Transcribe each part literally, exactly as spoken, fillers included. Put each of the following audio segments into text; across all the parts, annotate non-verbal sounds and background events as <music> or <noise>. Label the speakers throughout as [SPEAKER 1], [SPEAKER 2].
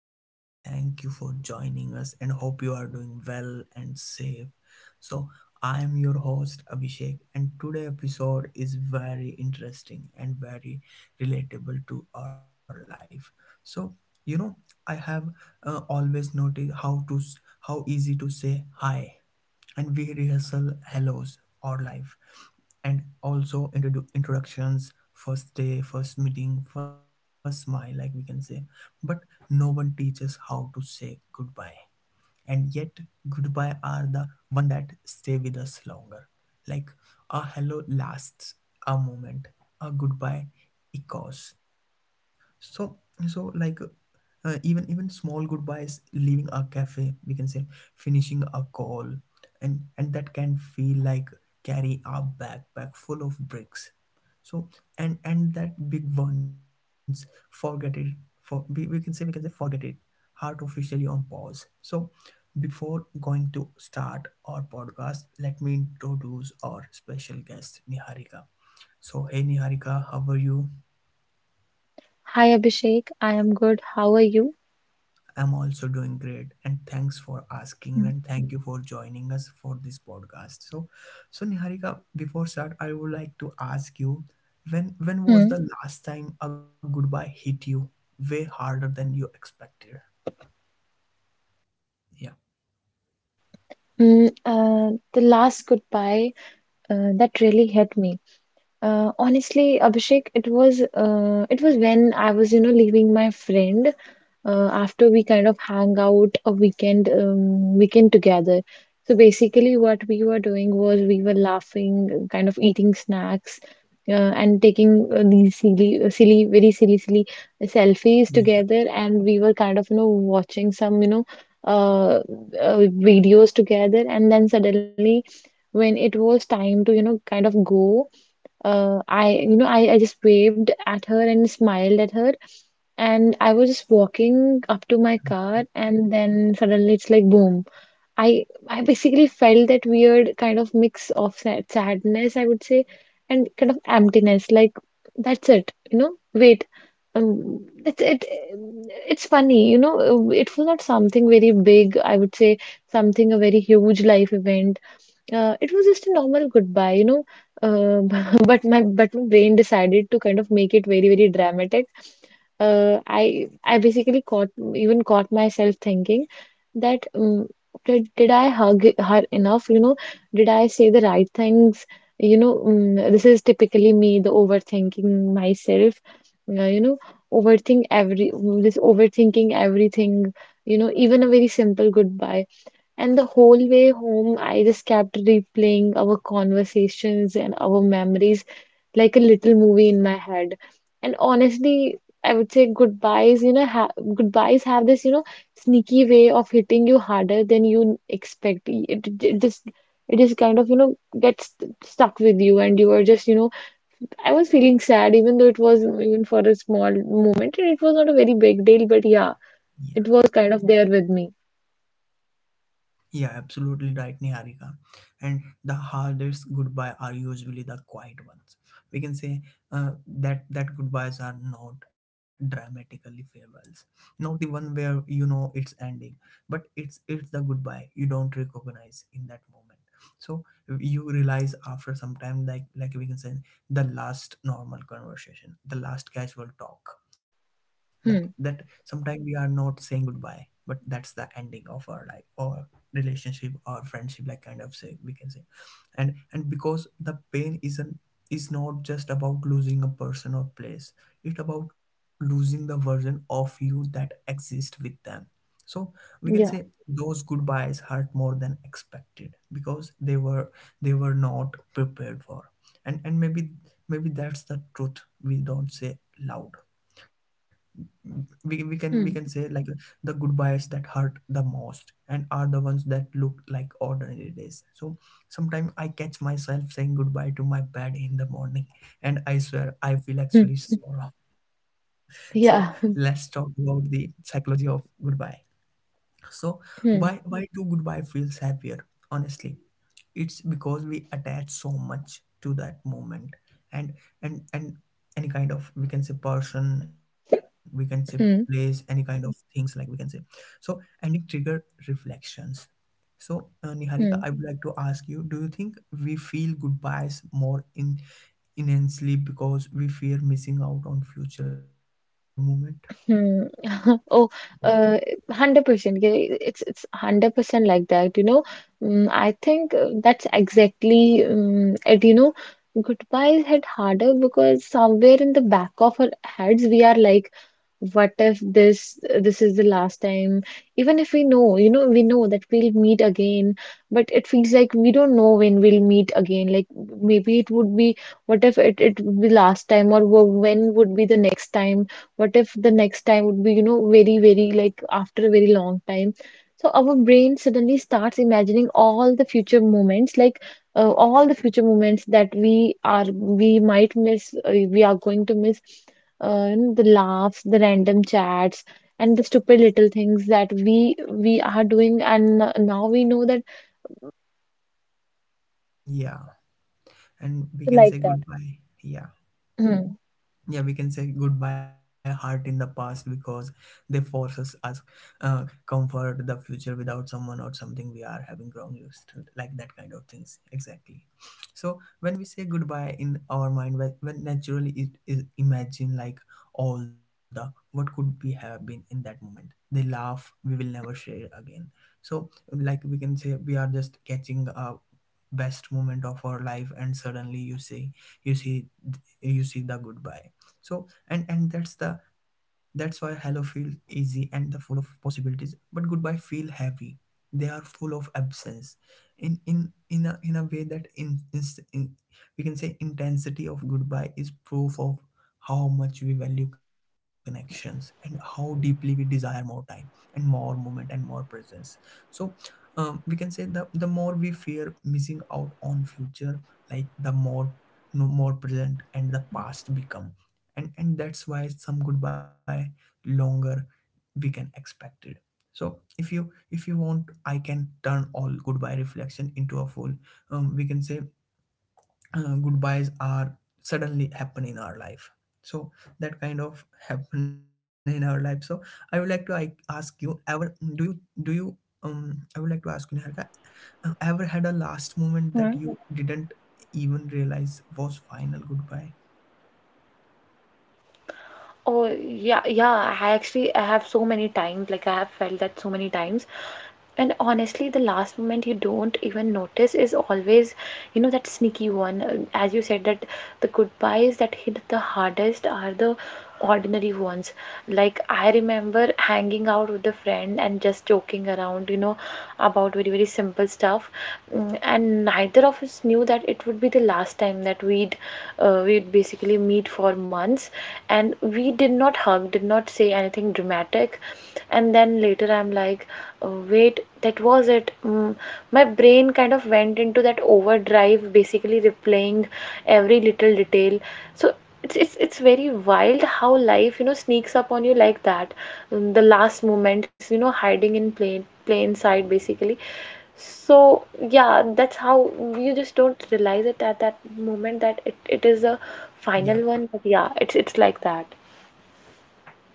[SPEAKER 1] and thank you for joining us and hope you are doing well and safe. So, I am your host Abhishek and today episode is very interesting and very relatable to our life. So, you know, I have uh, always noticed how to s- how easy to say hi and we rehearsal hellos or life and also introdu- introductions first day first meeting first smile like we can say, but no one teaches how to say goodbye, and yet goodbye are the one that stay with us longer, like a hello lasts a moment, a goodbye echoes. So so like uh, even even small goodbyes leaving a cafe we can say, finishing a call, and and that can feel like carry a backpack full of bricks. So and and that big ones forget it. For we, we can say we can say forget it, heart officially on pause. So, before going to start our podcast, let me introduce our special guest, Niharika. So, hey Niharika, how are you?
[SPEAKER 2] Hi Abhishek, I am good. How are you?
[SPEAKER 1] I'm also doing great, and thanks for asking me, and thank you for joining us for this podcast. So, so Niharika, before start, I would like to ask you, when when was
[SPEAKER 2] Hmm.
[SPEAKER 1] the last time a goodbye hit you way harder than you expected? Yeah,
[SPEAKER 2] Mm, uh, the last goodbye uh, that really hit me. Uh, honestly, Abhishek, it was uh, it was when I was, you know, leaving my friend uh, after we kind of hang out a weekend um, weekend together. So basically, what we were doing was we were laughing, kind of eating snacks, uh, and taking uh, these silly, uh, silly, very silly, silly selfies
[SPEAKER 1] yeah,
[SPEAKER 2] together. And we were kind of, you know, watching some, you know, uh, uh, videos together. And then suddenly, when it was time to, you know, kind of go. Uh, I, you know, I, I just waved at her and smiled at her. And I was just walking up to my car, and then suddenly it's like boom. I I basically felt that weird kind of mix of sad sadness, I would say, and kind of emptiness. Like that's it, you know. Wait, um, that's it. It's funny, you know. It was not something very big. I would say something a very huge life event. Uh, it was just a normal goodbye, you know. Uh, <laughs> but my but my brain decided to kind of make it very very dramatic. Uh, I I basically caught even caught myself thinking that um, did did I hug her enough? You know, did I say the right things? You know, um, this is typically me, the overthinking myself. Uh, you know, overthink every This overthinking everything. You know, even a very simple goodbye. And the whole way home, I just kept replaying our conversations and our memories like a little movie in my head. And honestly, I would say goodbyes, you know, ha goodbyes have this, you know, sneaky way of hitting you harder than you expect. It, it it just it just kind of, you know, gets st- stuck with you and you are just, you know, I was feeling sad even though it was even for a small moment and it was not a very big deal, but yeah, it was kind of there with me.
[SPEAKER 1] Yeah, absolutely right, Niharika. And the hardest goodbye are usually the quiet ones. We can say uh, that that goodbyes are not dramatically farewells, not the one where you know it's ending, but it's it's the goodbye you don't recognize in that moment. So you realize after some time, like like we can say, the last normal conversation, the last casual talk. That that
[SPEAKER 2] Hmm.
[SPEAKER 1] sometimes we are not saying goodbye, but that's the ending of our life or relationship or friendship, like kind of say we can say. And and because the pain isn't, is not just about losing a person or place, it's about losing the version of you that exists with them. So we can say
[SPEAKER 2] Yeah.
[SPEAKER 1] those goodbyes hurt more than expected because they were, they were not prepared for. And and maybe, maybe that's the truth we don't say loud. We, we can we can say
[SPEAKER 2] Hmm.
[SPEAKER 1] like, the goodbyes that hurt the most and are the ones that look like ordinary days. So sometimes I catch myself saying goodbye to my bed in the morning <laughs> and I swear I feel actually sorrow. So let's
[SPEAKER 2] Yeah.
[SPEAKER 1] talk about
[SPEAKER 2] <laughs>
[SPEAKER 1] the psychology of goodbye. So why
[SPEAKER 2] Hmm.
[SPEAKER 1] why do goodbye feels happier? Honestly, it's because we attach so much to that moment. And and and any kind of, we can say, person we can say, place, any
[SPEAKER 2] Hmm.
[SPEAKER 1] kind of things like we can say. So ending trigger reflections. So uh, Niharika,
[SPEAKER 2] Hmm.
[SPEAKER 1] I would like to ask you, do you think we feel goodbyes more in intensely because we fear missing out on future moment?
[SPEAKER 2] Hmm. <laughs>
[SPEAKER 1] yeah
[SPEAKER 2] Oh, uh, one hundred percent. Yeah, It's it's one hundred percent like that, you know. Mm, I think uh, that's exactly um, it, you know. Goodbyes hit harder because somewhere in the back of our heads we are like, what if this this is the last time? Even if we know, you know, we know that we'll meet again, but it feels like we don't know when we'll meet again. Like, maybe it would be, what if it it would be last time, or wh- when would be the next time? What if the next time would be, you know, very very like after a very long time? So our brain suddenly starts imagining all the future moments, like uh, all the future moments that we are we might miss. Uh, we are going to miss, uh, you know, the laughs, the random chats, and the stupid little things that we we are doing, and uh, now we know that
[SPEAKER 1] yeah and we can
[SPEAKER 2] like
[SPEAKER 1] say
[SPEAKER 2] that.
[SPEAKER 1] goodbye. yeah
[SPEAKER 2] Hmm.
[SPEAKER 1] yeah we can say goodbye heart in the past because they forces us, uh, comfort the future without someone or something we are having ground used to, like that kind of things exactly. So when we say goodbye in our mind, when when naturally it is imagine, like all the what could we have been in that moment, they laugh we will never share again. So like we can say, we are just catching a best moment of our life and suddenly you say, you see, you see the goodbye. So and and that's the, that's why hello feel easy and the full of possibilities, but goodbye feel heavy, they are full of absence. In in in a in a way that in, inst- in we can say, intensity of goodbye is proof of how much we value connections and how deeply we desire more time and more moment and more presence. So um, we can say the the more we fear missing out on future, like the more, no more present and the past become. And and that's why some goodbye longer we can expect it. So if you, if you want, I can turn all goodbye reflection into a full, um, we can say, uh, goodbyes are suddenly happen in our life. So that kind of <laughs> happen in our life. So I would like to I, ask you ever mm, do you do you um I would like to ask you Niharika, uh, ever had a last moment that you didn't even realize was final goodbye?
[SPEAKER 2] Oh yeah, yeah. I actually I have so many times, like I have felt that so many times. And honestly, the last moment you don't even notice is always, you know, that sneaky one. Um, As you said, that the goodbyes that hit the hardest are the ordinary ones. Like, I remember hanging out with a friend and just joking around, you know, about very, very simple stuff. Mm, And neither of us knew that it would be the last time that we'd, uh, we'd basically meet for months, and we did not hug, did not say anything dramatic. And then later I'm like, "Oh, wait, that was it mm. My brain kind of went into that overdrive, basically replaying every little detail. So it's, it's it's very wild how life, you know, sneaks up on you like that. Mm, the last moments, you know, hiding in plain plain sight, basically. So yeah, that's how you just don't realize it at that moment that it, it is a
[SPEAKER 1] yeah
[SPEAKER 2] final one, but yeah, it's it's like that.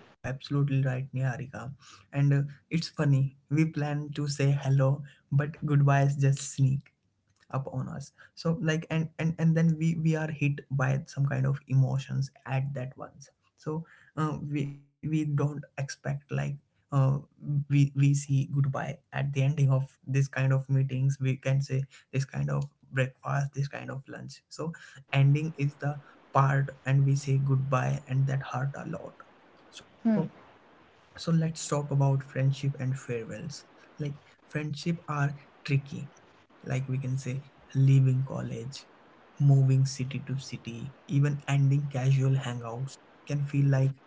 [SPEAKER 1] Yeah, absolutely right, Niharika. And uh, it's funny, we plan to say hello, but goodbyes just sneak up on us. So like, and and and then we we are hit by some kind of emotions at that once. So uh, we we don't expect like, uh, we we see goodbye at the ending of this kind of meetings. We can say, this kind of breakfast, this kind of lunch. So ending is the part, and we say goodbye, and that hurt a lot. So
[SPEAKER 2] Hmm.
[SPEAKER 1] so let's talk about friendship and farewells. Like friendship are tricky. Like we can say, leaving college, moving city to city, even ending casual hangouts can feel like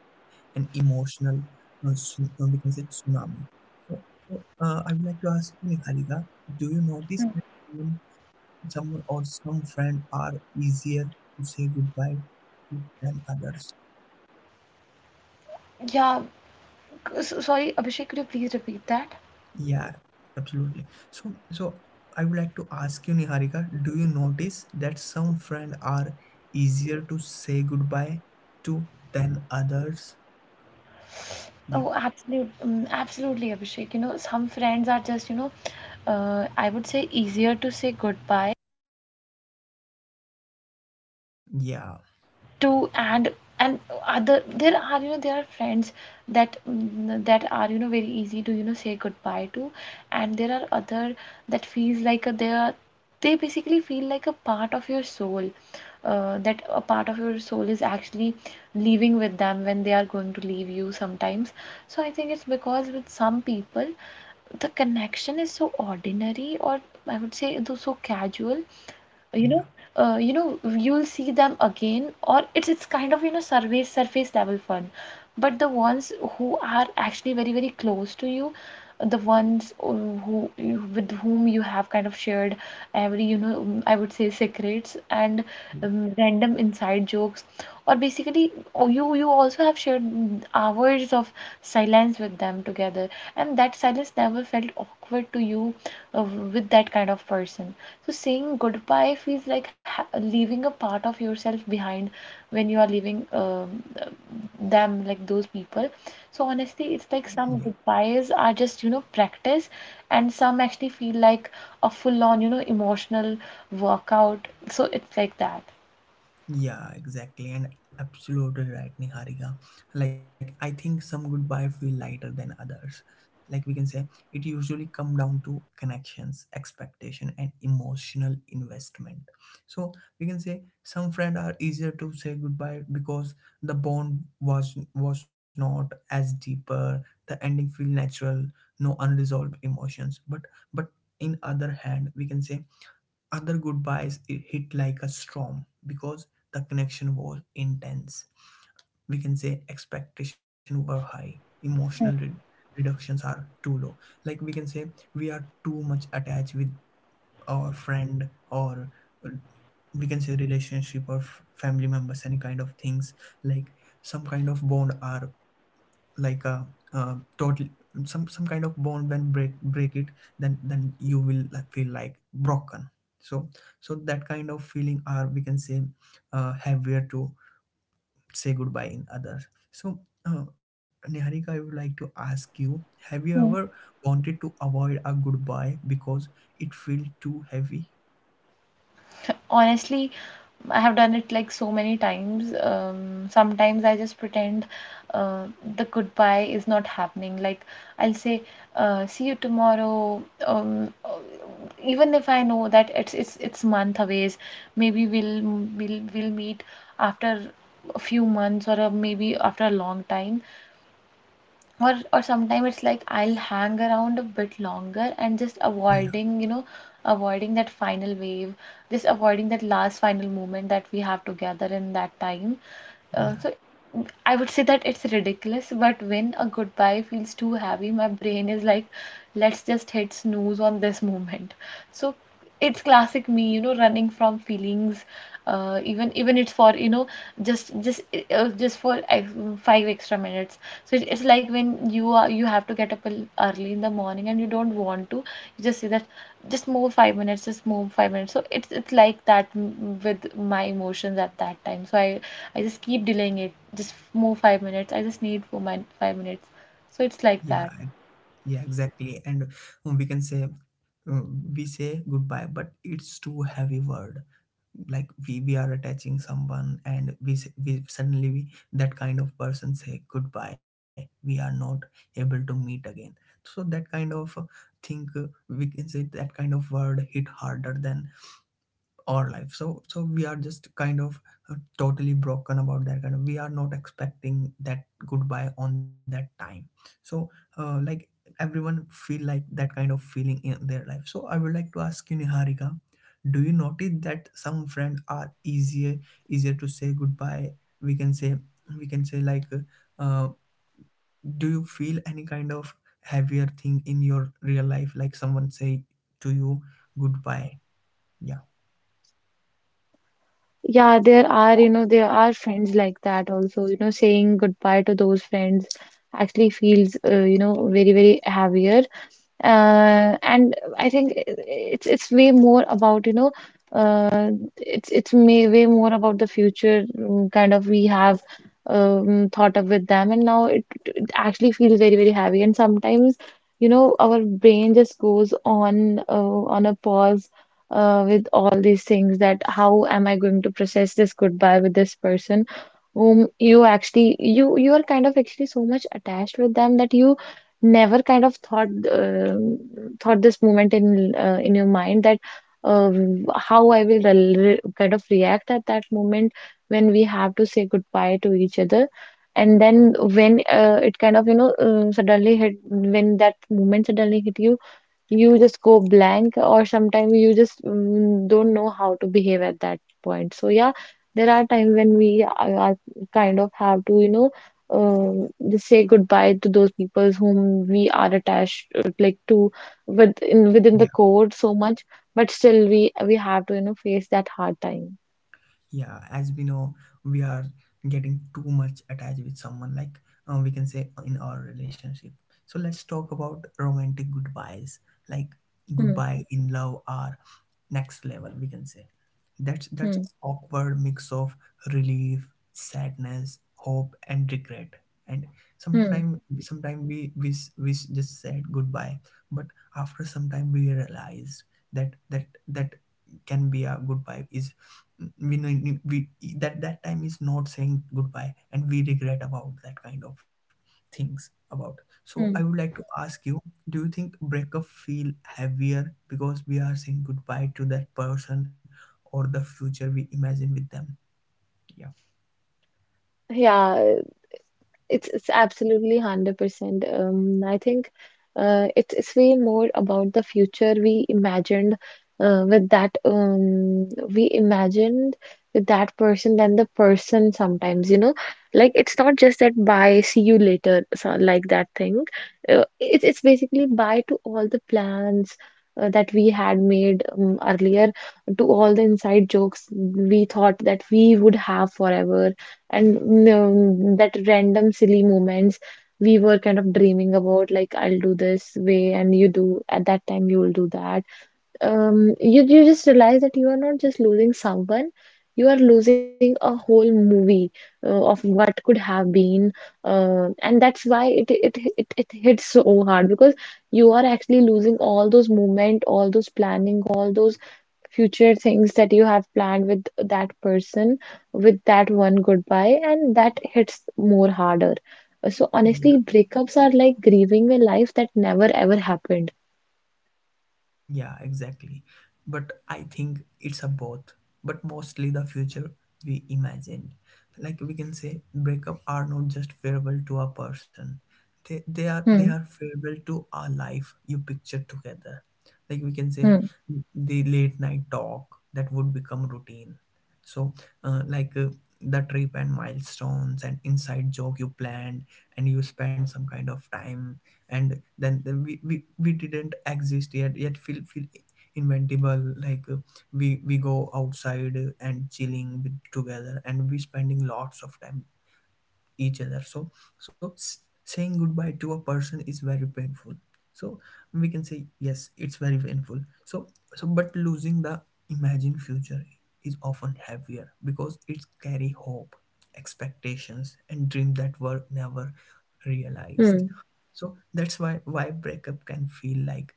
[SPEAKER 1] an emotional uh, tsu- uh, we can say tsunami. So, so uh, I would like to ask you, Niharika, do you
[SPEAKER 2] Hmm.
[SPEAKER 1] notice that someone, someone or some friend are easier to say goodbye to than others?
[SPEAKER 2] Yeah. c- So, sorry, Abhishek, could you please repeat that?
[SPEAKER 1] Yeah, absolutely. So, so I would like to ask you, Niharika, do you notice that some friends are easier to say goodbye to than others? Yeah,
[SPEAKER 2] Oh, absolute, um, absolutely, Abhishek. You know, some friends are just, you know, uh, I would say easier to say goodbye
[SPEAKER 1] yeah,
[SPEAKER 2] to. and and other, there are, you know, there are friends that mm, that are, you know, very easy to, you know, say goodbye to, and there are other that feels like a, they are, they basically feel like a part of your soul, uh, that a part of your soul is actually leaving with them when they are going to leave you sometimes. So I think it's because with some people the connection is so ordinary, or I would say it is so casual,
[SPEAKER 1] yeah,
[SPEAKER 2] you know. Uh, you know, you'll see them again, or it's it's kind of, you know, surface surface level fun. But the ones who are actually very very close to you, the ones uh, who, with whom you have kind of shared every, you know, um, I would say secrets, and um, random inside jokes, or basically, oh, you you also have shared hours of silence with them together, and that silence never felt awkward to you, uh, with that kind of person. So saying goodbye feels like ha- leaving a part of yourself behind when you are leaving um, them, like those people. So honestly, it's like
[SPEAKER 1] yeah.
[SPEAKER 2] some goodbyes are just, you know, practice, and some actually feel like a full-on, you know, emotional workout. So it's like that.
[SPEAKER 1] Yeah, exactly, and absolutely right, Niharika. Like, I think some goodbye feel lighter than others. Like we can say, it usually come down to connections, expectation, and emotional investment. So we can say some friends are easier to say goodbye because the bond was was not as deeper. The ending feel natural, no unresolved emotions. But but in other hand, we can say other goodbyes it hit like a storm because the connection was intense. We can say expectations were high, emotional re- reductions are too low. Like we can say we are too much attached with or friend or uh, we can say relationship or f- family members, any kind of things. Like some kind of bond are like a, uh total, some some kind of bond when break break it, then then you will like, feel like broken. So so that kind of feeling are we can say uh, heavier to say goodbye in others. So uh, Niharika, I would like to ask you, have you ever wanted to avoid a goodbye because it felt too heavy?
[SPEAKER 2] Honestly, I have done it like so many times. Um, sometimes I just pretend uh, the goodbye is not happening. Like I'll say, uh, "See you tomorrow." Um, uh, even if I know that it's it's it's month away, maybe we'll we'll we'll meet after a few months, or a, maybe after a long time. or or sometimes it's like I'll hang around a bit longer and just
[SPEAKER 1] Yeah,
[SPEAKER 2] avoiding, you know, avoiding that final wave, just avoiding that last final moment that we have together in that time. Uh,
[SPEAKER 1] yeah,
[SPEAKER 2] so I would say that it's ridiculous, but when a goodbye feels too heavy, my brain is like, let's just hit snooze on this moment. So it's classic me, you know, running from feelings, uh, even even it's for, you know, just just uh, just for uh, five extra minutes. So it, it's like when you are, you have to get up early in the morning and you don't want to, you just say that, just move five minutes, just move five minutes. So it's it's like that with my emotions at that time. So i i just keep delaying it, just move five minutes, I just need for my five minutes. So it's
[SPEAKER 1] yeah,
[SPEAKER 2] like
[SPEAKER 1] and-
[SPEAKER 2] that.
[SPEAKER 1] yeah, exactly. And um, we can say, um, we say goodbye, but it's too heavy word. Like we we are attaching someone, and we s- we suddenly we, that kind of person say goodbye. We are not able to meet again. So that kind of uh, thing, uh, we can say, that kind of word hit harder than our life. So so we are just kind of uh, totally broken about that kind of, we are not expecting that goodbye on that time. So uh, like everyone feel like that kind of feeling in their life. So I would like to ask you Niharika, do you notice that some friends are easier easier to say goodbye, we can say, we can say like, uh, do you feel any kind of heavier thing in your real life like someone say to you goodbye? yeah
[SPEAKER 2] Yeah, there are, you know, there are friends like that also. You know, saying goodbye to those friends actually feels, uh, you know, very, very heavier. Uh, and I think it's it's way more about, you know, uh, it's it's may, way more about the future mm, kind of we have um, thought of with them, and now it it actually feels very, very heavy. And sometimes, you know, our brain just goes on uh, on a pause uh, with all these things that, how am I going to process this goodbye with this person, whom you actually, you you are kind of actually so much attached with, them, that you never kind of thought um thought this moment in uh, in your mind, that um, how I will rel- re kind of react at that moment when we have to say goodbye to each other? And then when uh, it kind of, you know, uh, suddenly hit, when that moment suddenly hit you, you just go blank, or sometimes you just mm, don't know how to behave at that point. So yeah, there are times when we are are kind of have to, you know, um, just say goodbye to those people whom we are attached uh, like to with in, within the code so much, but still we we have to, you know, face that hard time.
[SPEAKER 1] yeah as we know, we are getting too much attached with someone, like uh, we can say in our relationship. So let's talk about romantic goodbyes. Like
[SPEAKER 2] hmm,
[SPEAKER 1] goodbye in love are next level we can say, that's that's
[SPEAKER 2] hmm,
[SPEAKER 1] awkward mix of relief, sadness, hope and regret. And
[SPEAKER 2] hmm,
[SPEAKER 1] sometime sometime we we, we just said goodbye, but after some time we realized that that that can be a goodbye is, we know- we that that time is not saying goodbye, and we regret about that kind of things about. So I would
[SPEAKER 2] hmm.
[SPEAKER 1] like to ask you, do you think breakup feel heavier because we are saying goodbye to that person or the future we imagine with them?
[SPEAKER 2] Yeah, It's it's absolutely one hundred percent. Um, I think uh, it's it's way more about the future we imagined uh, with that um, we imagined with that person than the person sometimes, you know. Like it's not just that bye, see you later, so like that thing. Uh, it's it's basically bye to all the plans uh, that we had made um, earlier, to all the inside jokes we thought that we would have forever and mm, that random silly moments we were kind of dreaming about like I'll do this way and you do at that time you will do that um you you just realize that you are not just losing someone, you are losing a whole movie uh, of what could have been uh, and that's why it, it it it hits so hard because you are actually losing all those movement, all those planning, all those future things that you have planned with that person, with that one goodbye, and that hits more harder. Uh, So
[SPEAKER 1] Yeah.
[SPEAKER 2] honestly, breakups are like grieving a life that never ever happened.
[SPEAKER 1] Yeah, exactly. But I think it's a both, but mostly the future we imagined. Like we can say, breakup are not just farewell to a person. They, they are they are
[SPEAKER 2] Hmm.
[SPEAKER 1] farewell to our life you picture together. Like we can say
[SPEAKER 2] Hmm.
[SPEAKER 1] the late night talk that would become routine. So uh, like uh, the trip and milestones and inside joke you planned and you spend some kind of time and then, then we, we we didn't exist yet yet feel feel inventable like uh, we we go outside and chilling with, together and we spending lots of time each other, so so s- saying goodbye to a person is very painful, so we can say yes, it's very painful. So so but losing the imagined future is often heavier because it carry hope, expectations and dreams that were never realized.
[SPEAKER 2] Hmm.
[SPEAKER 1] So that's why why breakup can feel like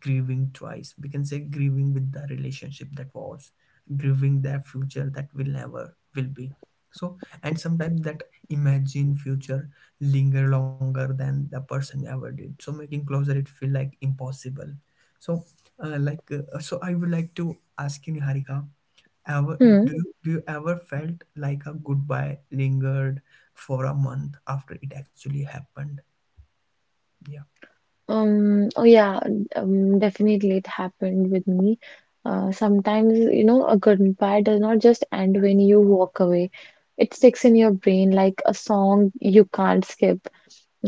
[SPEAKER 1] grieving twice, we can say grieving with the relationship that was, grieving their future that will never will be. So and sometimes that imagine future linger longer than the person ever did, so making closer it feel like impossible. So uh, like uh, so I would like to ask you, Niharika, ever
[SPEAKER 2] Hmm.
[SPEAKER 1] do you, do you ever felt like a goodbye lingered for a month after it actually happened? yeah
[SPEAKER 2] Um, oh yeah, um, definitely it happened with me. Uh, sometimes, you know, a goodbye does not just end when you walk away. It sticks in your brain like a song you can't skip.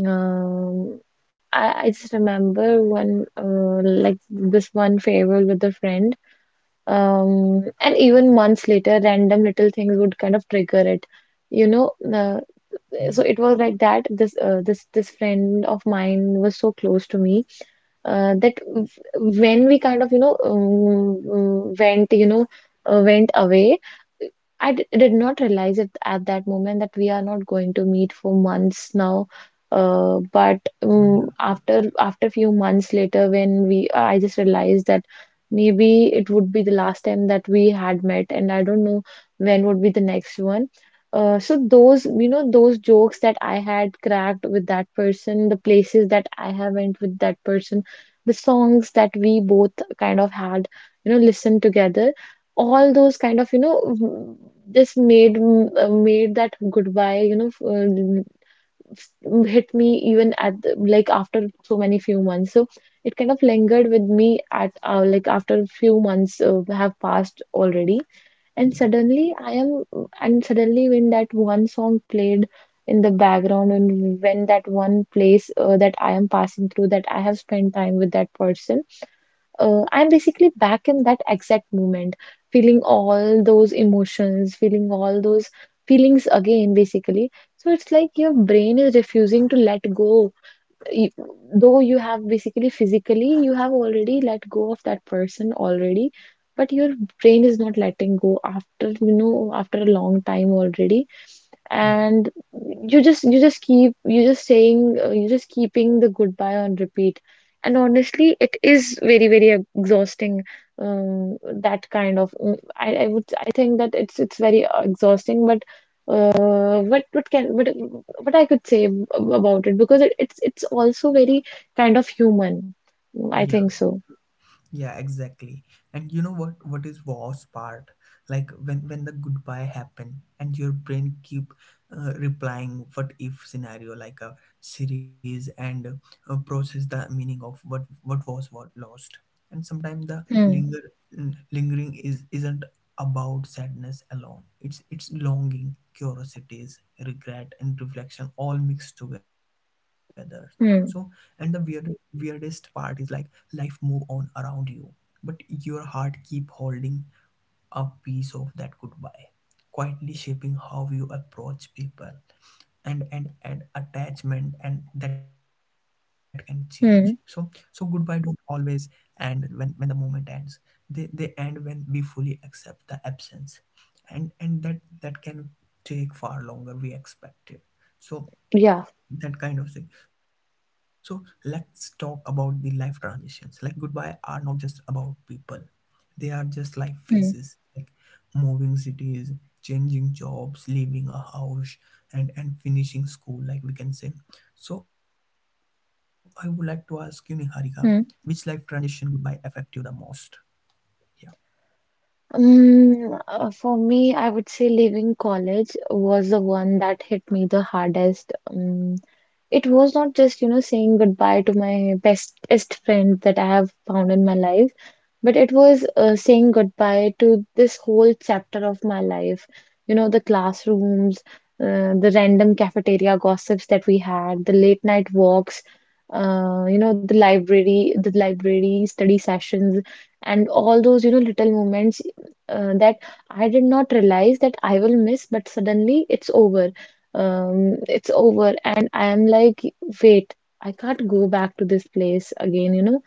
[SPEAKER 2] Um, I, I just remember one uh, like this one farewell with a friend. Um, and even months later, random little things would kind of trigger it. You know, uh,
[SPEAKER 1] yeah
[SPEAKER 2] so it was like that this uh, this this friend of mine was so close to me uh, that w- when we kind of you know um, went you know uh, went away. I d- did not realize it at that moment that we are not going to meet for months now. Uh, but
[SPEAKER 1] yeah
[SPEAKER 2] um, after after a few months later, when we I just realized that maybe it would be the last time that we had met, and I don't know when would be the next one. Uh, so those, you know, those jokes that I had cracked with that person, the places that I have went with that person, the songs that we both kind of had, you know, listened together, all those kind of, you know, w- just made m- uh, made that goodbye, you know, f- um, s- hit me even at the, like after so many few months. So it kind of lingered with me at uh, like after a few months uh, have passed already and
[SPEAKER 1] yeah
[SPEAKER 2] suddenly I am and suddenly when that one song played in the background, and when that one place uh, that I am passing through that I have spent time with that person uh, I'm basically back in that exact moment, feeling all those emotions, feeling all those feelings again basically. So it's like your brain is refusing to let go, y- though you have basically physically you have already let go of that person already, but your brain is not letting go after you know after a long time already.
[SPEAKER 1] yeah
[SPEAKER 2] And you just you just keep you just saying uh, you just keeping the goodbye on repeat, and honestly it is very very exhausting. Um, that kind of uh, I, I would I think that it's it's very uh, exhausting, but uh, what what can what what I could say ab- about it, because it, it's it's also very kind of human. mm, I
[SPEAKER 1] yeah
[SPEAKER 2] think so.
[SPEAKER 1] Yeah, exactly. And you know what what is worst part? Like when when the goodbye happen and your brain keep uh, replying what if scenario like a series, and uh, process the meaning of what what was what lost. And sometimes the
[SPEAKER 2] Hmm.
[SPEAKER 1] linger mm, lingering is isn't about sadness alone. It's it's longing, curiosities, regret and reflection all mixed together. So and the
[SPEAKER 2] Hmm.
[SPEAKER 1] weird, weirdest part is like life move on around you, but your heart keep holding a piece of that goodbye, quietly shaping how you approach people and and and attachment, and that can change. So so goodbye
[SPEAKER 2] Hmm.
[SPEAKER 1] don't always end when when the moment ends. They they end when we fully accept the absence, and and that that can take far longer we expected. So
[SPEAKER 2] Yeah.
[SPEAKER 1] that kind of thing. So let's talk about the life transitions. Like goodbye are not just about people, they are just life
[SPEAKER 2] Hmm.
[SPEAKER 1] phases like moving cities, changing jobs, leaving a house and and finishing school, like we can say. So I would like to ask you, Niharika, which life
[SPEAKER 2] Hmm.
[SPEAKER 1] transition goodbye affect you the most? Yeah.
[SPEAKER 2] Um, uh, for me, I would say leaving college was the one that hit me the hardest. Um, it was not just, you know, saying goodbye to my bestest friend that I have found in my life. But it was uh, saying goodbye to this whole chapter of my life. You know, the classrooms, uh, the random cafeteria gossips that we had, the late night walks, uh, you know, the library, the library study sessions, and all those, you know, little moments uh, that I did not realize that I will miss, but suddenly it's over. Um, it's over, and I am like, wait, I can't go back to this place again, you know,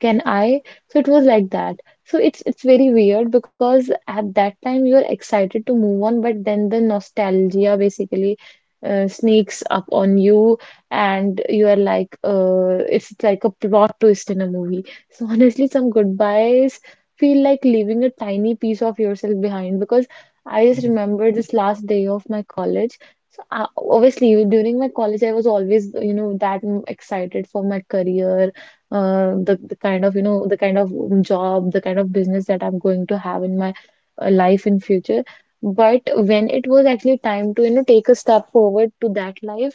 [SPEAKER 2] can I? So it was like that. So it's it's very weird because at that time you're excited to move on, but then the nostalgia basically uh, sneaks up on you, and you are like, uh, it's like a plot twist in a movie. So <laughs> honestly, some goodbyes feel like leaving a tiny piece of yourself behind, because I just remember this last day of my college. So I, obviously during my college, I was always you know that mm, excited for my career, uh, the, the kind of you know the kind of job, the kind of business that I'm going to have in my uh, life in future. But when it was actually time to you know take a step forward to that life,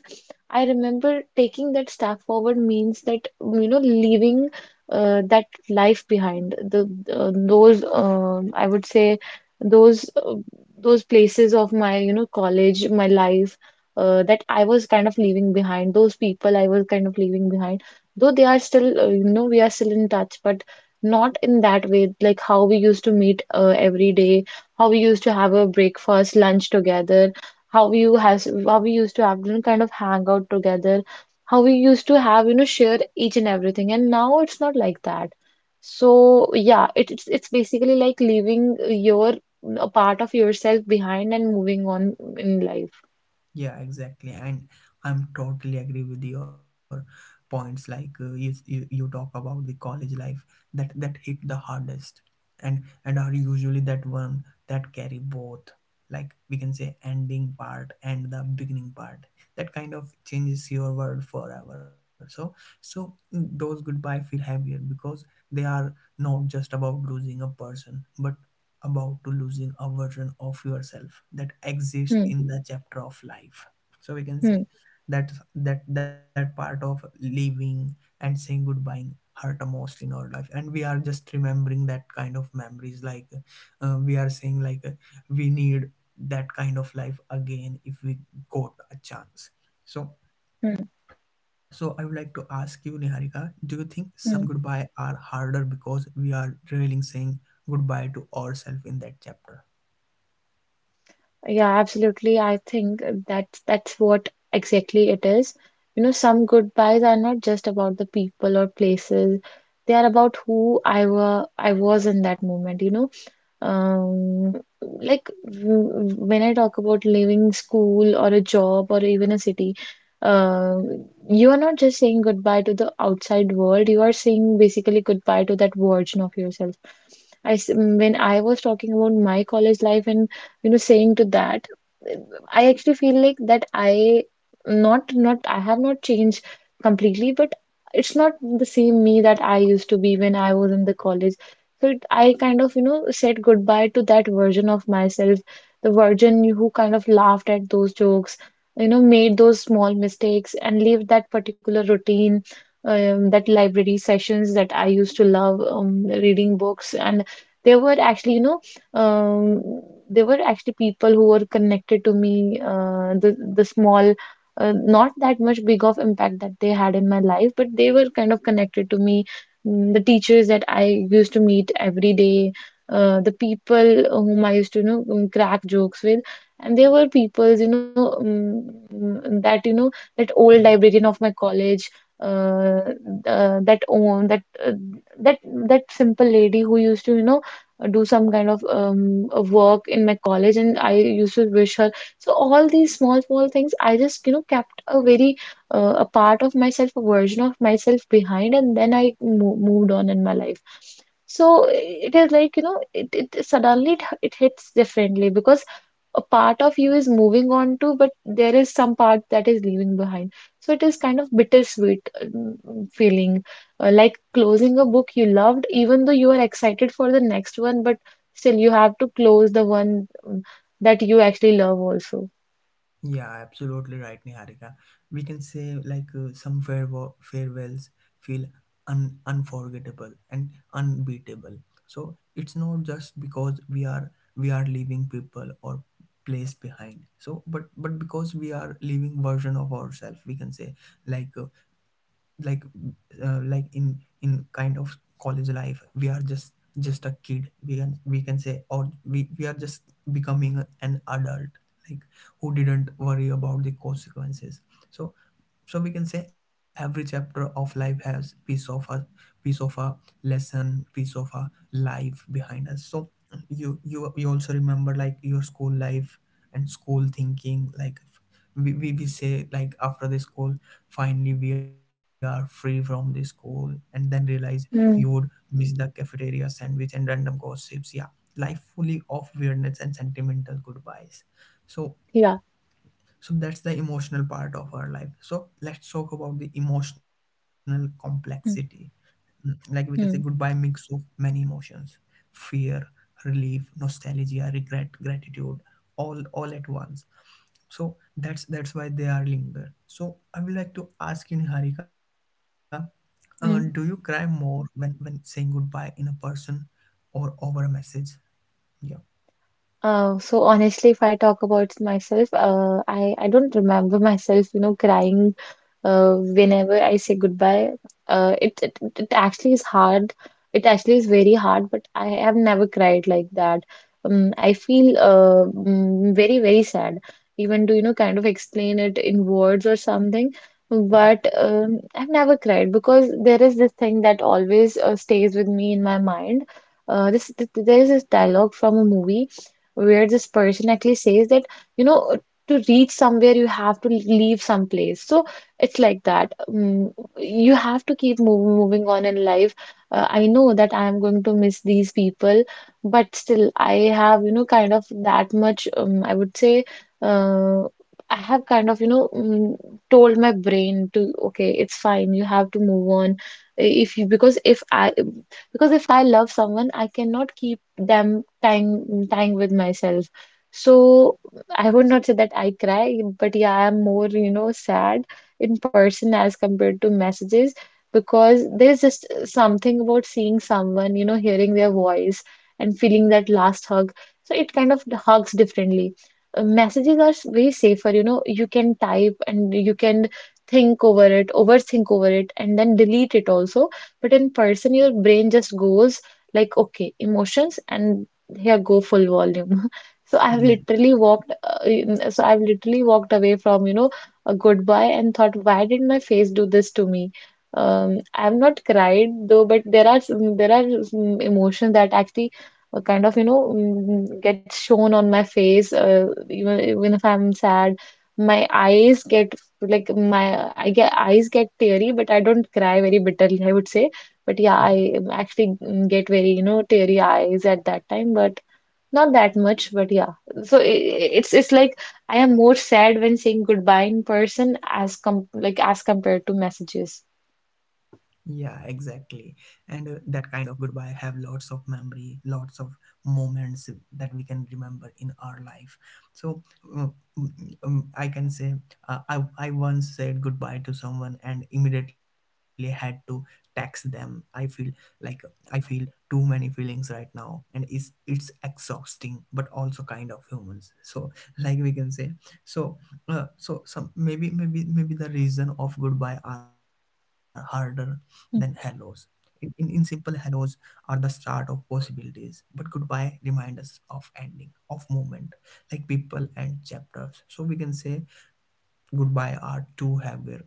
[SPEAKER 2] I remember taking that step forward means that you know leaving uh, that life behind, the uh, those um I would say those uh, those places of my you know college, my life, uh, that I was kind of leaving behind, those people I was kind of leaving behind, though they are still uh, you know we are still in touch, but not in that way like how we used to meet uh, every day, how we used to have a breakfast lunch together, how we you has how we used to have you know kind of hang out together, how we used to have you know share each and everything, and now it's not like that. So yeah, it, it's it's basically like leaving your a part of yourself behind and moving on in life.
[SPEAKER 1] Yeah, exactly. And I'm totally agree with your points. Like uh, you, you, you talk about the college life that that hit the hardest, and and are usually that one that carry both. Like we can say ending part and the beginning part. That kind of changes your world forever. So so mm, those goodbye feel heavier because they are not just about losing a person, but about to losing a version of yourself that exists
[SPEAKER 2] Hmm.
[SPEAKER 1] in the chapter of life. So we can
[SPEAKER 2] Hmm.
[SPEAKER 1] say that that that part of leaving and saying goodbye hurt the most in our life, and we are just remembering that kind of memories. Like uh, we are saying like uh, we need that kind of life again if we got a chance. So
[SPEAKER 2] Hmm.
[SPEAKER 1] so I would like to ask you, Niharika, do you think some
[SPEAKER 2] Hmm.
[SPEAKER 1] goodbye are harder because we are really saying goodbye to ourselves in that chapter?
[SPEAKER 2] Yeah, absolutely. I think that that's what exactly it is. You know, some goodbyes are not just about the people or places. They are about who I were I was in that moment, you know. Um, like w- when I talk about leaving school or a job or even a city, um, you are not just saying goodbye to the outside world, you are saying basically goodbye to that version of yourself. I, s- when I was talking about my college life and you know saying to that, I actually feel like that i not not I have not changed completely, but it's not the same me that I used to be when I was in the college. So it, I kind of you know said goodbye to that version of myself, the version who kind of laughed at those jokes, you know made those small mistakes and lived that particular routine, um, that library sessions that I used to love um, reading books. And they were actually you know um, there were actually people who were connected to me, uh, the the small, uh, not that much big of impact that they had in my life, but they were kind of connected to me. Mm, The teachers that I used to meet every day, uh, the people whom I used to, you know, um, crack jokes with, and there were people, you know, um, mm, that you know, that old
[SPEAKER 1] Yeah,
[SPEAKER 2] librarian of my college. Uh, uh, that own that uh, that That simple lady who used to you know do some kind of um, a work in my college, and I used to wish her. So all these small, small things, I just, you know, kept a very, uh, a part of myself, a version of myself behind, and then I mo moved on in my life. So it is like, you know, it, it suddenly it, it hits differently because a part of you is moving on to, but there is some part that is leaving behind. So it is kind of bittersweet um, feeling, uh, like closing a book you loved, even though you are excited for the next one, but still you have to close the one um, that you actually love also.
[SPEAKER 1] yeah, absolutely right, Niharika. We can say like uh, some farewell, farewells feel un- unforgettable and unbeatable. So it's not just because we are we are leaving people or place behind. So, but but because we are leaving version of ourselves, we can say like. uh, like uh, like in in kind of college life we are just just a kid, we can we can say, or we, we are just becoming an adult, like who didn't worry about the consequences. So so we can say every chapter of life has piece of a piece of a lesson, piece of a life behind us. So you you you also remember like your school life and school thinking like f- we, we, we say like after the school finally we are free from the school, and then realize you would
[SPEAKER 2] Mm.
[SPEAKER 1] miss the cafeteria sandwich and random gossips. Yeah, life fully of weirdness and sentimental goodbyes. So
[SPEAKER 2] Yeah.
[SPEAKER 1] so that's the emotional part of our life. So let's talk about the emotional complexity.
[SPEAKER 2] Mm.
[SPEAKER 1] Mm, like we can say goodbye
[SPEAKER 2] Mm.
[SPEAKER 1] mix of many emotions: fear, relief, nostalgia, regret, gratitude, all all at once. So that's that's why they are linger. So I would like to ask you, Niharika, uh, do you cry
[SPEAKER 2] Mm.
[SPEAKER 1] more when when saying goodbye in a person or over a message? yeah
[SPEAKER 2] Uh, so honestly, if I talk about myself, uh, I I don't remember <laughs> myself, you know, crying uh, whenever I say goodbye, uh, it, it it it actually is hard. It actually is very hard, but I have never cried like that. Um, I feel uh, mm, very very sad, even to you know kind of explain it in words or something.
[SPEAKER 1] yeah
[SPEAKER 2] But um, I've never cried because there is this thing that always uh, stays with me in my mind. Uh, this th th- there is this dialogue from a movie where this person actually says that, you know, to reach somewhere you have to leave some place. So it's like that. Mm, you have to keep move, moving on in life. Uh, I know that I am going to miss these people, but still, I have, you know, kind of that much, um, I would say, uh, I have kind of, you know, mm, told my brain to, okay, it's fine, you have to move on. If you, because if I, because if I love someone, I cannot keep them tying, tying with myself. So I would not say that I cry, but yeah, I'm more, you know, sad in person as compared to messages, because there's just something about seeing someone, you know, hearing their voice and feeling that last hug. So it kind of hugs differently. Uh, Messages are s- way safer, you know, you can type and you can think over it, overthink over it, and then delete it also. But in person, your brain just goes like, okay, emotions, and here go full volume. <laughs> So I've
[SPEAKER 1] yeah
[SPEAKER 2] literally walked, uh, in- so I've literally walked away from, you know, a goodbye and thought, why did my face do this to me? Um, I've not cried though, but there are some, there are some emotions that actually uh, kind of you know mm, gets shown on my face. Uh, even even if I'm sad, my eyes get like my I get eyes get teary, but I don't cry very bitterly, I would say. But yeah,
[SPEAKER 1] Yeah,
[SPEAKER 2] I um, actually mm, get very you know teary eyes at that time, but. Not that much, but yeah. So i i- it's it's like I am more sad when saying goodbye in person as com like as compared to messages.
[SPEAKER 1] Yeah, exactly. And uh, that kind of goodbye have lots of memory, lots of moments that we can remember in our life. So um, um, I can say uh, I I once said goodbye to someone and immediately had to text them. I feel like I feel too many feelings right now, and it's it's exhausting but also kind of humans, so like we can say. So uh, so some, maybe maybe maybe the reason of goodbye are harder than hellos.
[SPEAKER 2] Mm.
[SPEAKER 1] In, in, in simple, hellos are the start of possibilities, but goodbye remind us of ending, of movement, like people and chapters. So we can say goodbye are too heavy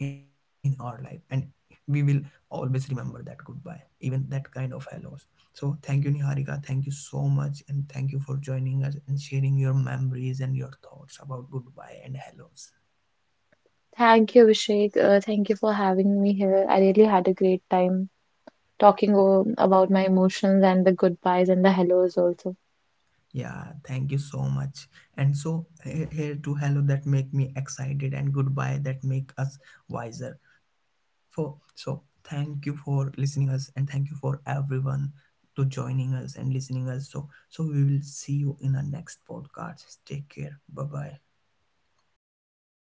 [SPEAKER 1] in our life, and we will always remember that goodbye, even that kind of hellos. So thank you, Niharika. Thank you so much, and thank you for joining us and sharing your memories and your thoughts about goodbye and hellos.
[SPEAKER 2] Thank you, Abhishek. Uh, thank you for having me here. I really had a great time talking o- about my emotions and the goodbyes and the hellos also.
[SPEAKER 1] Yeah, thank you so much. And so he- here to hello that make me excited and goodbye that make us wiser. For so thank you for listening us, and thank you for everyone to joining us and listening us. So so we will see you in our next podcast. Take care. Bye bye.